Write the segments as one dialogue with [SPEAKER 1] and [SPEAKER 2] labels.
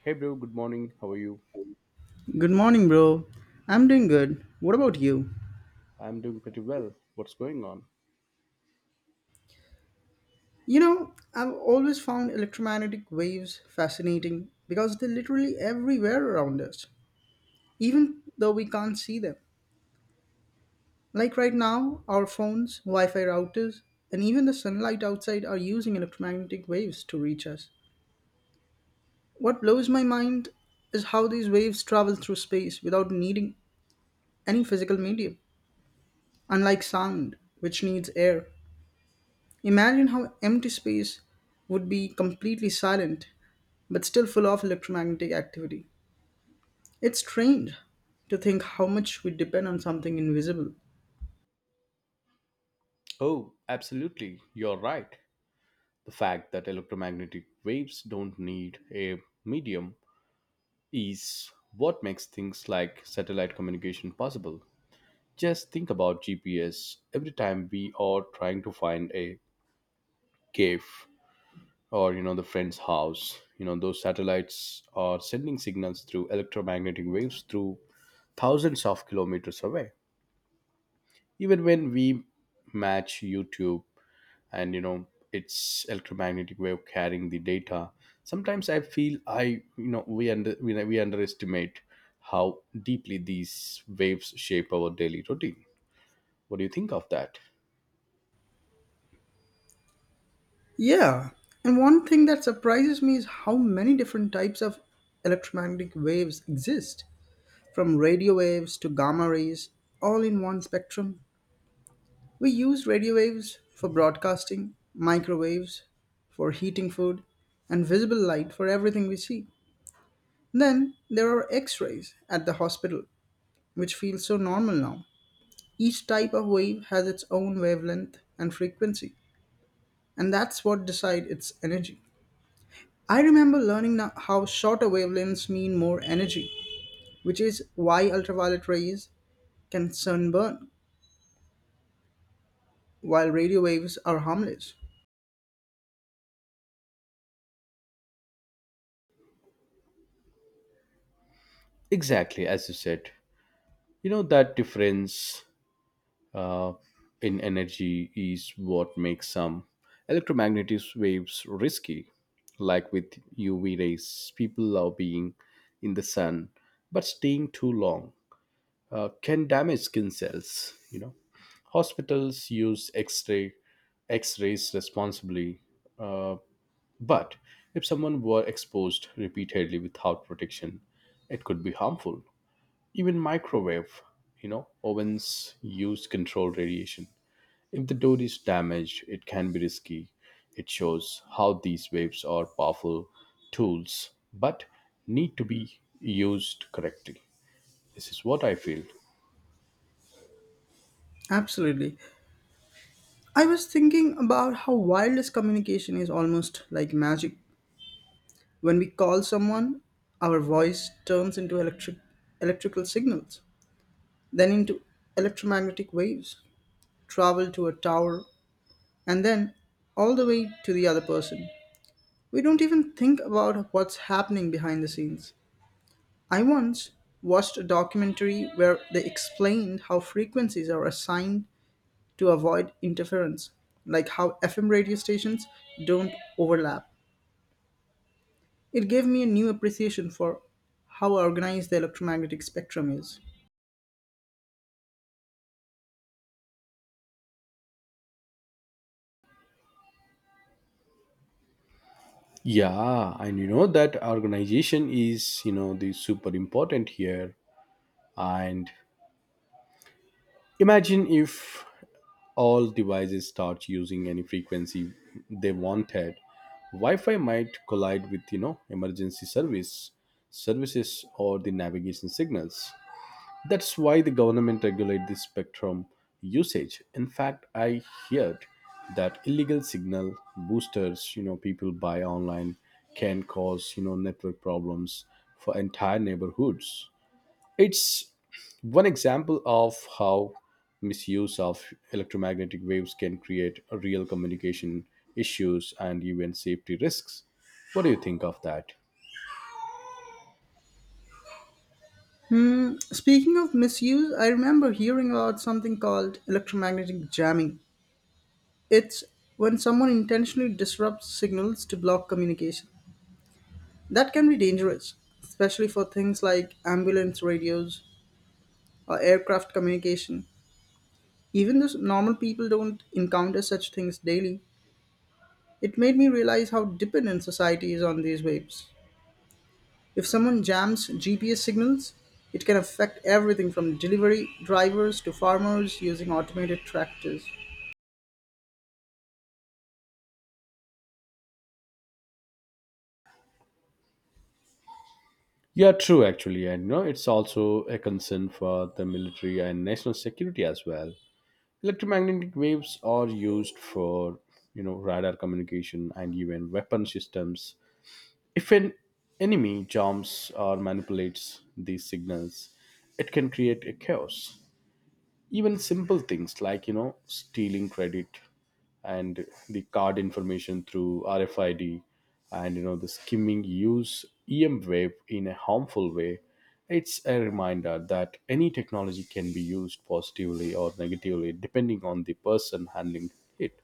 [SPEAKER 1] Hey bro, good morning. How are you?
[SPEAKER 2] Good morning, bro. I'm doing good. What about you?
[SPEAKER 1] I'm doing pretty well. What's going on?
[SPEAKER 2] You know, I've always found electromagnetic waves fascinating because they're literally everywhere around us, even though we can't see them. Like right now, our phones, Wi Fi routers, and even the sunlight outside are using electromagnetic waves to reach us. What blows my mind is how these waves travel through space without needing any physical medium, unlike sound, which needs air. Imagine how empty space would be completely silent but still full of electromagnetic activity. It's strange to think how much we depend on something invisible.
[SPEAKER 1] Oh, absolutely. You're right. The fact that electromagnetic waves don't need a medium is what makes things like satellite communication possible. Just think about GPS. Every time we are trying to find a cave or the friend's house. You know, those satellites are sending signals through electromagnetic waves through thousands of kilometers away, even when we match YouTube, and its electromagnetic way of carrying the data. Sometimes I feel, I you know we under we underestimate how deeply these waves shape our daily routine. What do you think of that?
[SPEAKER 2] Yeah, and one thing that surprises me is how many different types of electromagnetic waves exist, from radio waves to gamma rays, all in one spectrum. We use radio waves for broadcasting, microwaves for heating food, and visible light for everything we see. Then there are x rays at the hospital, which feel so normal now. Each type of wave has its own wavelength and frequency, and that's what decide its energy. I remember learning now how shorter wavelengths mean more energy, which is why ultraviolet rays can sunburn, while radio waves are harmless.
[SPEAKER 1] Exactly, as you said, that difference uh, in energy is what makes some electromagnetic waves risky. Like with UV rays, people love being in the sun, but staying too long can damage skin cells. You know, hospitals use X-rays responsibly, uh, but if someone were exposed repeatedly without protection, it could be harmful. Even microwave, you know, ovens use controlled radiation. If the door is damaged, it can be risky. It shows how these waves are powerful tools, but need to be used correctly. This is what I feel.
[SPEAKER 2] Absolutely. I was thinking about how wireless communication is almost like magic. When we call someone, our voice turns into electrical signals, then into electromagnetic waves, travel to a tower, and then all the way to the other person. We don't even think about what's happening behind the scenes. I once watched a documentary where they explained how frequencies are assigned to avoid interference, like how FM radio stations don't overlap. It gave me a new appreciation for how organized the electromagnetic spectrum is.
[SPEAKER 1] Yeah, and you know that organization is, you know, the super important here. And imagine if all devices start using any frequency they wanted, Wi-Fi might collide with, you know, emergency service services or the navigation signals. That's why the government regulate the spectrum usage. In fact, I heard that illegal signal boosters, you know, people buy online can cause, you know, network problems for entire neighborhoods. It's one example of how misuse of electromagnetic waves can create a real communication issues and even safety risks. What do you think of that?
[SPEAKER 2] Hmm, speaking of misuse, I remember hearing about something called electromagnetic jamming. It's when someone intentionally disrupts signals to block communication. That can be dangerous, especially for things like ambulance radios or aircraft communication. Even though normal people don't encounter such things daily, it made me realize how dependent society is on these waves. If someone jams GPS signals, it can affect everything from delivery drivers to farmers using automated tractors.
[SPEAKER 1] Yeah, true, actually. And you know, it's also a concern for the military and national security as well. Electromagnetic waves are used for, you know, radar communication and even weapon systems. If an enemy jumps or manipulates these signals, it can create a chaos. Even simple things like, you know, stealing credit and the card information through RFID, and you know, the skimming use EM wave in a harmful way. It's a reminder that any technology can be used positively or negatively depending on the person handling it.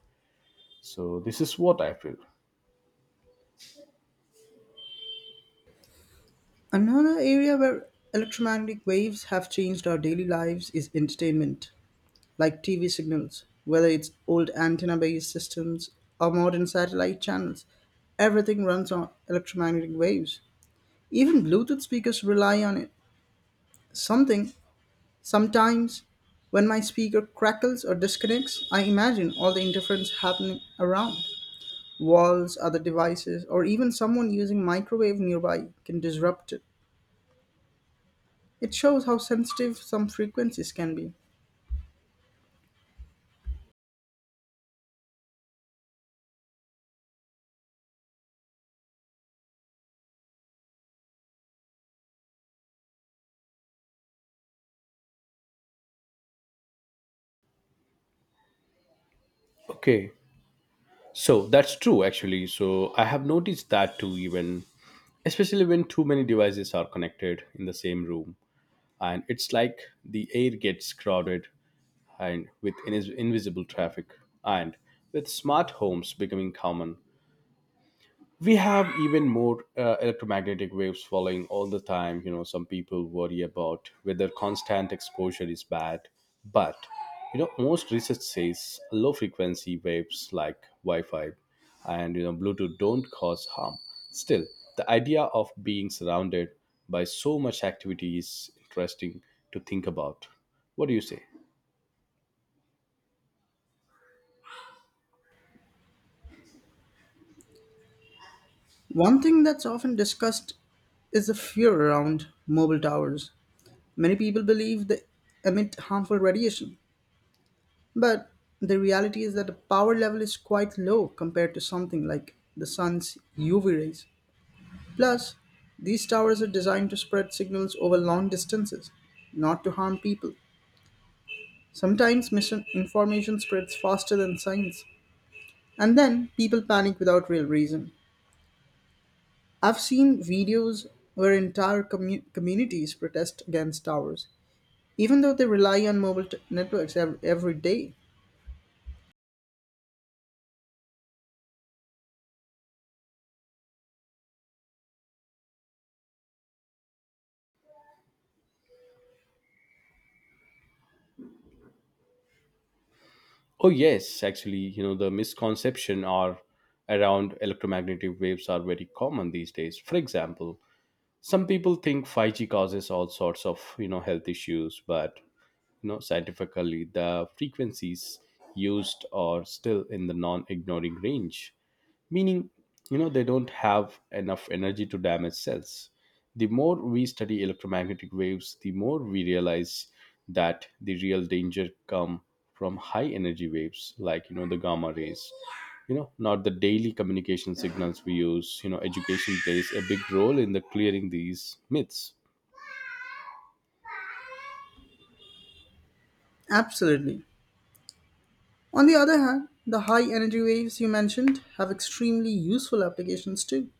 [SPEAKER 1] So this is what I feel.
[SPEAKER 2] Another area where electromagnetic waves have changed our daily lives is entertainment, like TV signals, whether it's old antenna based systems or modern satellite channels. Everything runs on electromagnetic waves. Even Bluetooth speakers rely on it. Something, sometimes, when my speaker crackles or disconnects, I imagine all the interference happening around. Walls, other devices, or even someone using microwave nearby can disrupt. It shows how sensitive some frequencies can be.
[SPEAKER 1] Okay, so that's true, actually. So I have noticed that too, even especially when too many devices are connected in the same room, and it's like the air gets crowded and with invisible traffic. And with smart homes becoming common, we have even more electromagnetic waves following all the time. You know, some people worry about whether constant exposure is bad, but you know, most research says low frequency waves like Wi-Fi and, you know, Bluetooth don't cause harm. Still, the idea of being surrounded by so much activity is interesting to think about. What do you say?
[SPEAKER 2] One thing that's often discussed is the fear around mobile towers. Many people believe they emit harmful radiation, but the reality is that the power level is quite low compared to something like the sun's UV rays. Plus, these towers are designed to spread signals over long distances, not to harm people. Sometimes misinformation spreads faster than science, and then people panic without real reason. I've seen videos where entire communities protest against towers, even though they rely on networks every day.
[SPEAKER 1] Oh yes, actually, you know, the misconception are around electromagnetic waves are very common these days. For example, some people think 5G causes all sorts of, you know, health issues, but you know, scientifically the frequencies used are still in the non-ignoring range, meaning, you know, they don't have enough energy to damage cells. The more we study electromagnetic waves, the more we realize that the real danger come from high energy waves like, you know, the gamma rays, you know, not the daily communication signals we use. You know, education plays a big role in the clearing these myths.
[SPEAKER 2] Absolutely. On the other hand, the high energy waves you mentioned have extremely useful applications too.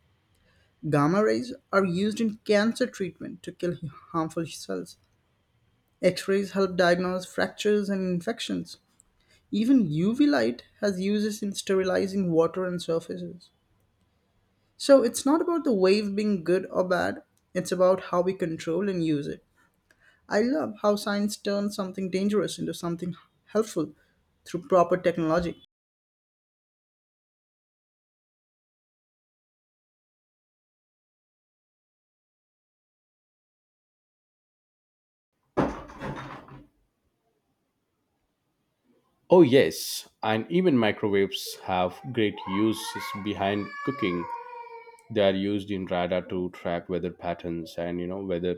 [SPEAKER 2] Gamma rays are used in cancer treatment to kill harmful cells. X rays help diagnose fractures and infections. Even UV light has uses in sterilizing water and surfaces. So it's not about the wave being good or bad, it's about how we control and use it. I love how science turns something dangerous into something helpful through proper technology.
[SPEAKER 1] Oh yes, and even microwaves have great uses behind cooking. They are used in radar to track weather patterns, and you know, whether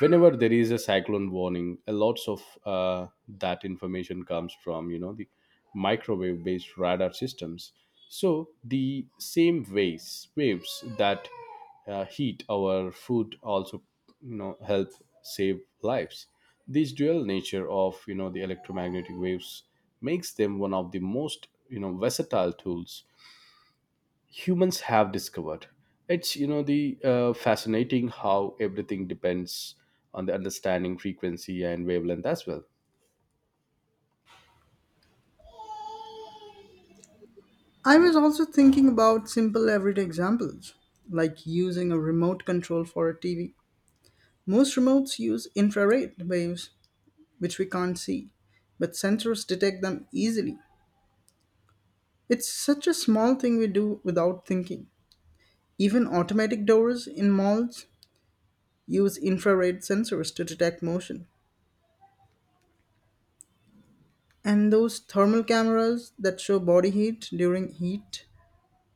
[SPEAKER 1] whenever there is a cyclone warning, a lots of uh, that information comes from, you know, the microwave based radar systems. So the same waves that heat our food also, you know, help save lives. This dual nature of, you know, the electromagnetic waves makes them one of the most, you know, versatile tools humans have discovered. It's, you know, the fascinating how everything depends on the understanding frequency and wavelength as well.
[SPEAKER 2] I was also thinking about simple everyday examples, like using a remote control for a TV. Most remotes use infrared waves, which we can't see, but sensors detect them easily. It's such a small thing we do without thinking. Even automatic doors in malls use infrared sensors to detect motion. And those thermal cameras that show body heat during heat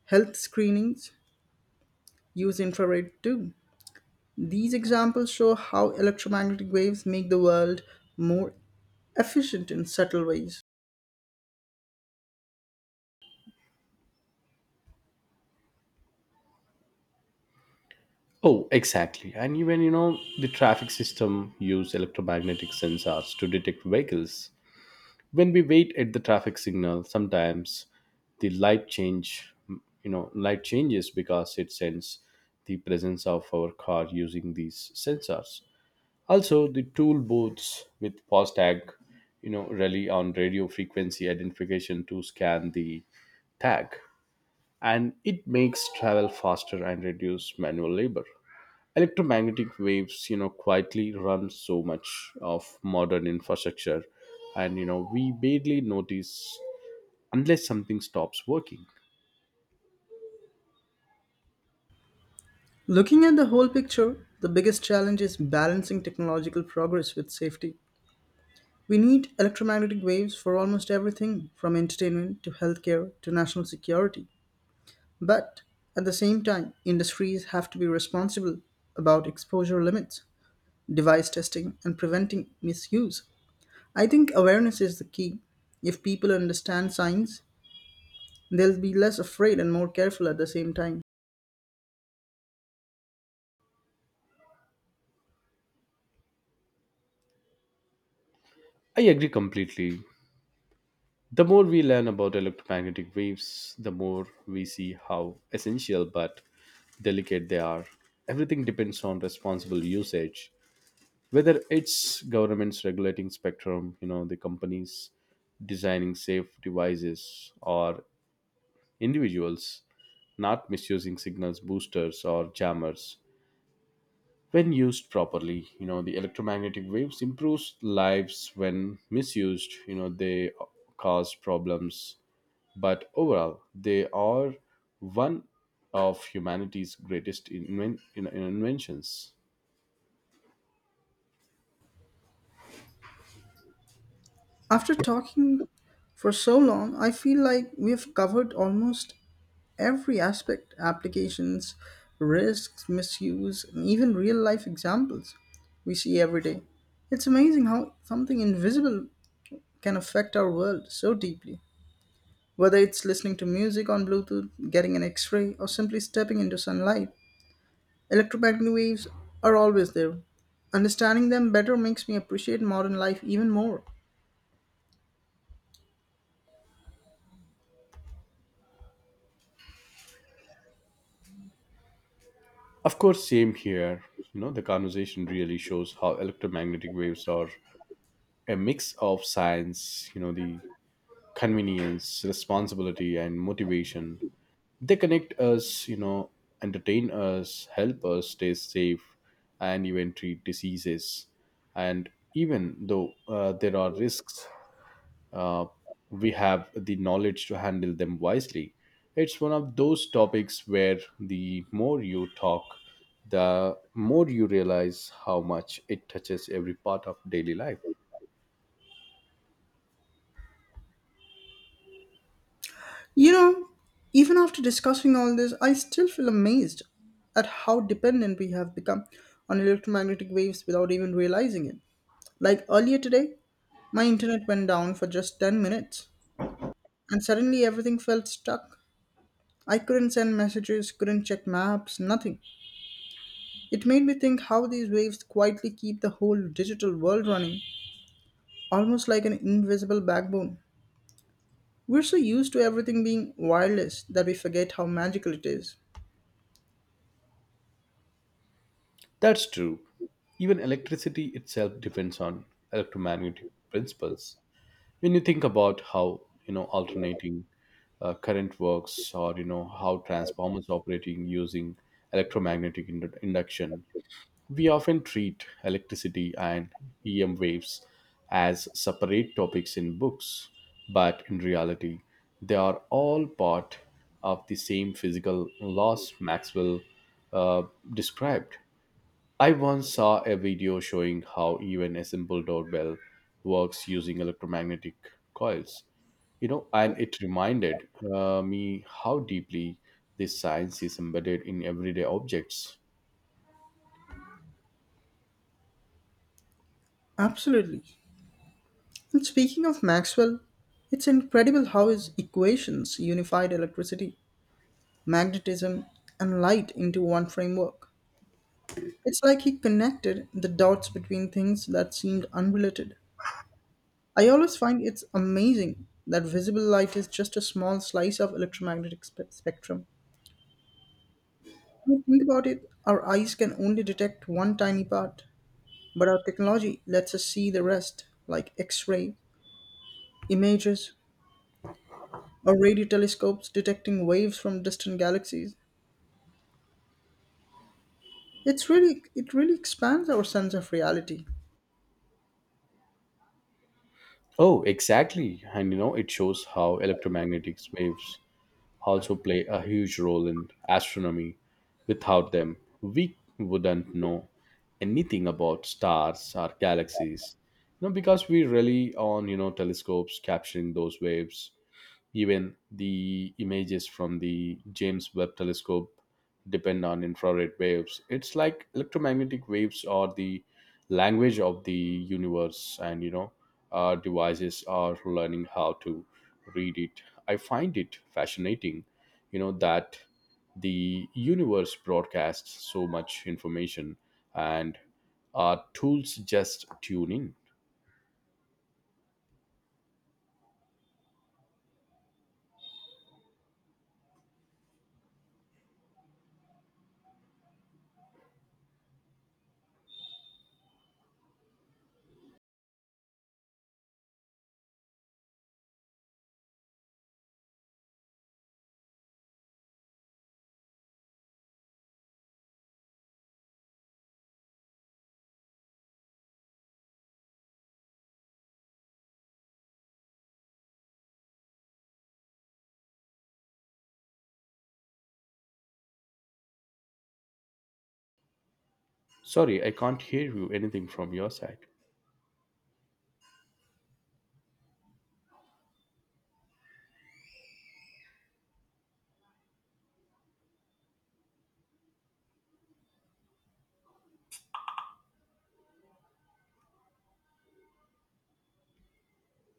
[SPEAKER 2] health screenings use infrared too. These examples show how electromagnetic waves make the world more efficient in subtle ways.
[SPEAKER 1] Oh exactly, and even, you know, the traffic system use electromagnetic sensors to detect vehicles. When we wait at the traffic signal, sometimes the light change you know, light changes because it sends the presence of our car using these sensors. Also, the tool booths with FASTag, you know, rely on radio frequency identification to scan the tag, and it makes travel faster and reduce manual labor. Electromagnetic waves, you know, quietly run so much of modern infrastructure, and you know, we barely notice unless something stops working.
[SPEAKER 2] Looking at the whole picture, the biggest challenge is balancing technological progress with safety. We need electromagnetic waves for almost everything from entertainment to healthcare to national security. But at the same time, industries have to be responsible about exposure limits, device testing, and preventing misuse. I think awareness is the key. If people understand science, they'll be less afraid and more careful at the same time.
[SPEAKER 1] I agree completely. The more we learn about electromagnetic waves, the more we see how essential but delicate they are. Everything depends on responsible usage, whether it's governments regulating spectrum, you know, the companies designing safe devices, or individuals not misusing signals boosters or jammers. When used properly, you know, the electromagnetic waves improves lives. When misused, you know, they cause problems. But overall, they are one of humanity's greatest inventions.
[SPEAKER 2] After talking for so long, I feel like we have covered almost every aspect applications, risks, misuse, and even real life examples we see every day. It's amazing how something invisible can affect our world so deeply. Whether it's listening to music on Bluetooth, getting an x ray, or simply stepping into sunlight, electromagnetic waves are always there. Understanding them better makes me appreciate modern life even more.
[SPEAKER 1] Of course, same here. You know, the conversation really shows how electromagnetic waves are a mix of science, you know, the convenience, responsibility, and motivation. They connect us, you know, entertain us, help us stay safe, and even treat diseases. And even though there are risks, uh, we have the knowledge to handle them wisely. It's one of those topics where the more you talk, the more you realize how much it touches every part of daily life.
[SPEAKER 2] You know, even after discussing all this, I still feel amazed at how dependent we have become on electromagnetic waves without even realizing it. Like earlier today, my internet went down for just 10 minutes, and suddenly everything felt stuck. I couldn't send messages, couldn't check maps, nothing. It made me think how these waves quietly keep the whole digital world running, almost like an invisible backbone. We're so used to everything being wireless that we forget how magical it is.
[SPEAKER 1] That's true. Even electricity itself depends on electromagnetic principles. When you think about how, you know, alternating current works, or you know, how transformers operating using electromagnetic induction. We often treat electricity and EM waves as separate topics in books, but in reality, they are all part of the same physical laws Maxwell uh, described. I once saw a video showing how even a simple doorbell works using electromagnetic coils. You know, and it reminded me how deeply this science is embedded in everyday objects.
[SPEAKER 2] Absolutely. And speaking of Maxwell, it's incredible how his equations unified electricity, magnetism, and light into one framework. It's like he connected the dots between things that seemed unrelated. I always find it's amazing that visible light is just a small slice of electromagnetic spectrum. When you think about it, our eyes can only detect one tiny part, but our technology lets us see the rest, like X ray, images, or radio telescopes detecting waves from distant galaxies. It really expands our sense of reality.
[SPEAKER 1] Oh, exactly. And you know, it shows how electromagnetic waves also play a huge role in astronomy. Without them, we wouldn't know anything about stars or galaxies. You know, because we rely on, you know, telescopes capturing those waves. Even the images from the James Webb telescope depend on infrared waves. It's like electromagnetic waves are the language of the universe, and you know, our devices are learning how to read it. I find it fascinating, you know, that the universe broadcasts so much information, and our tools just tune in. Sorry, I can't hear you anything from your side.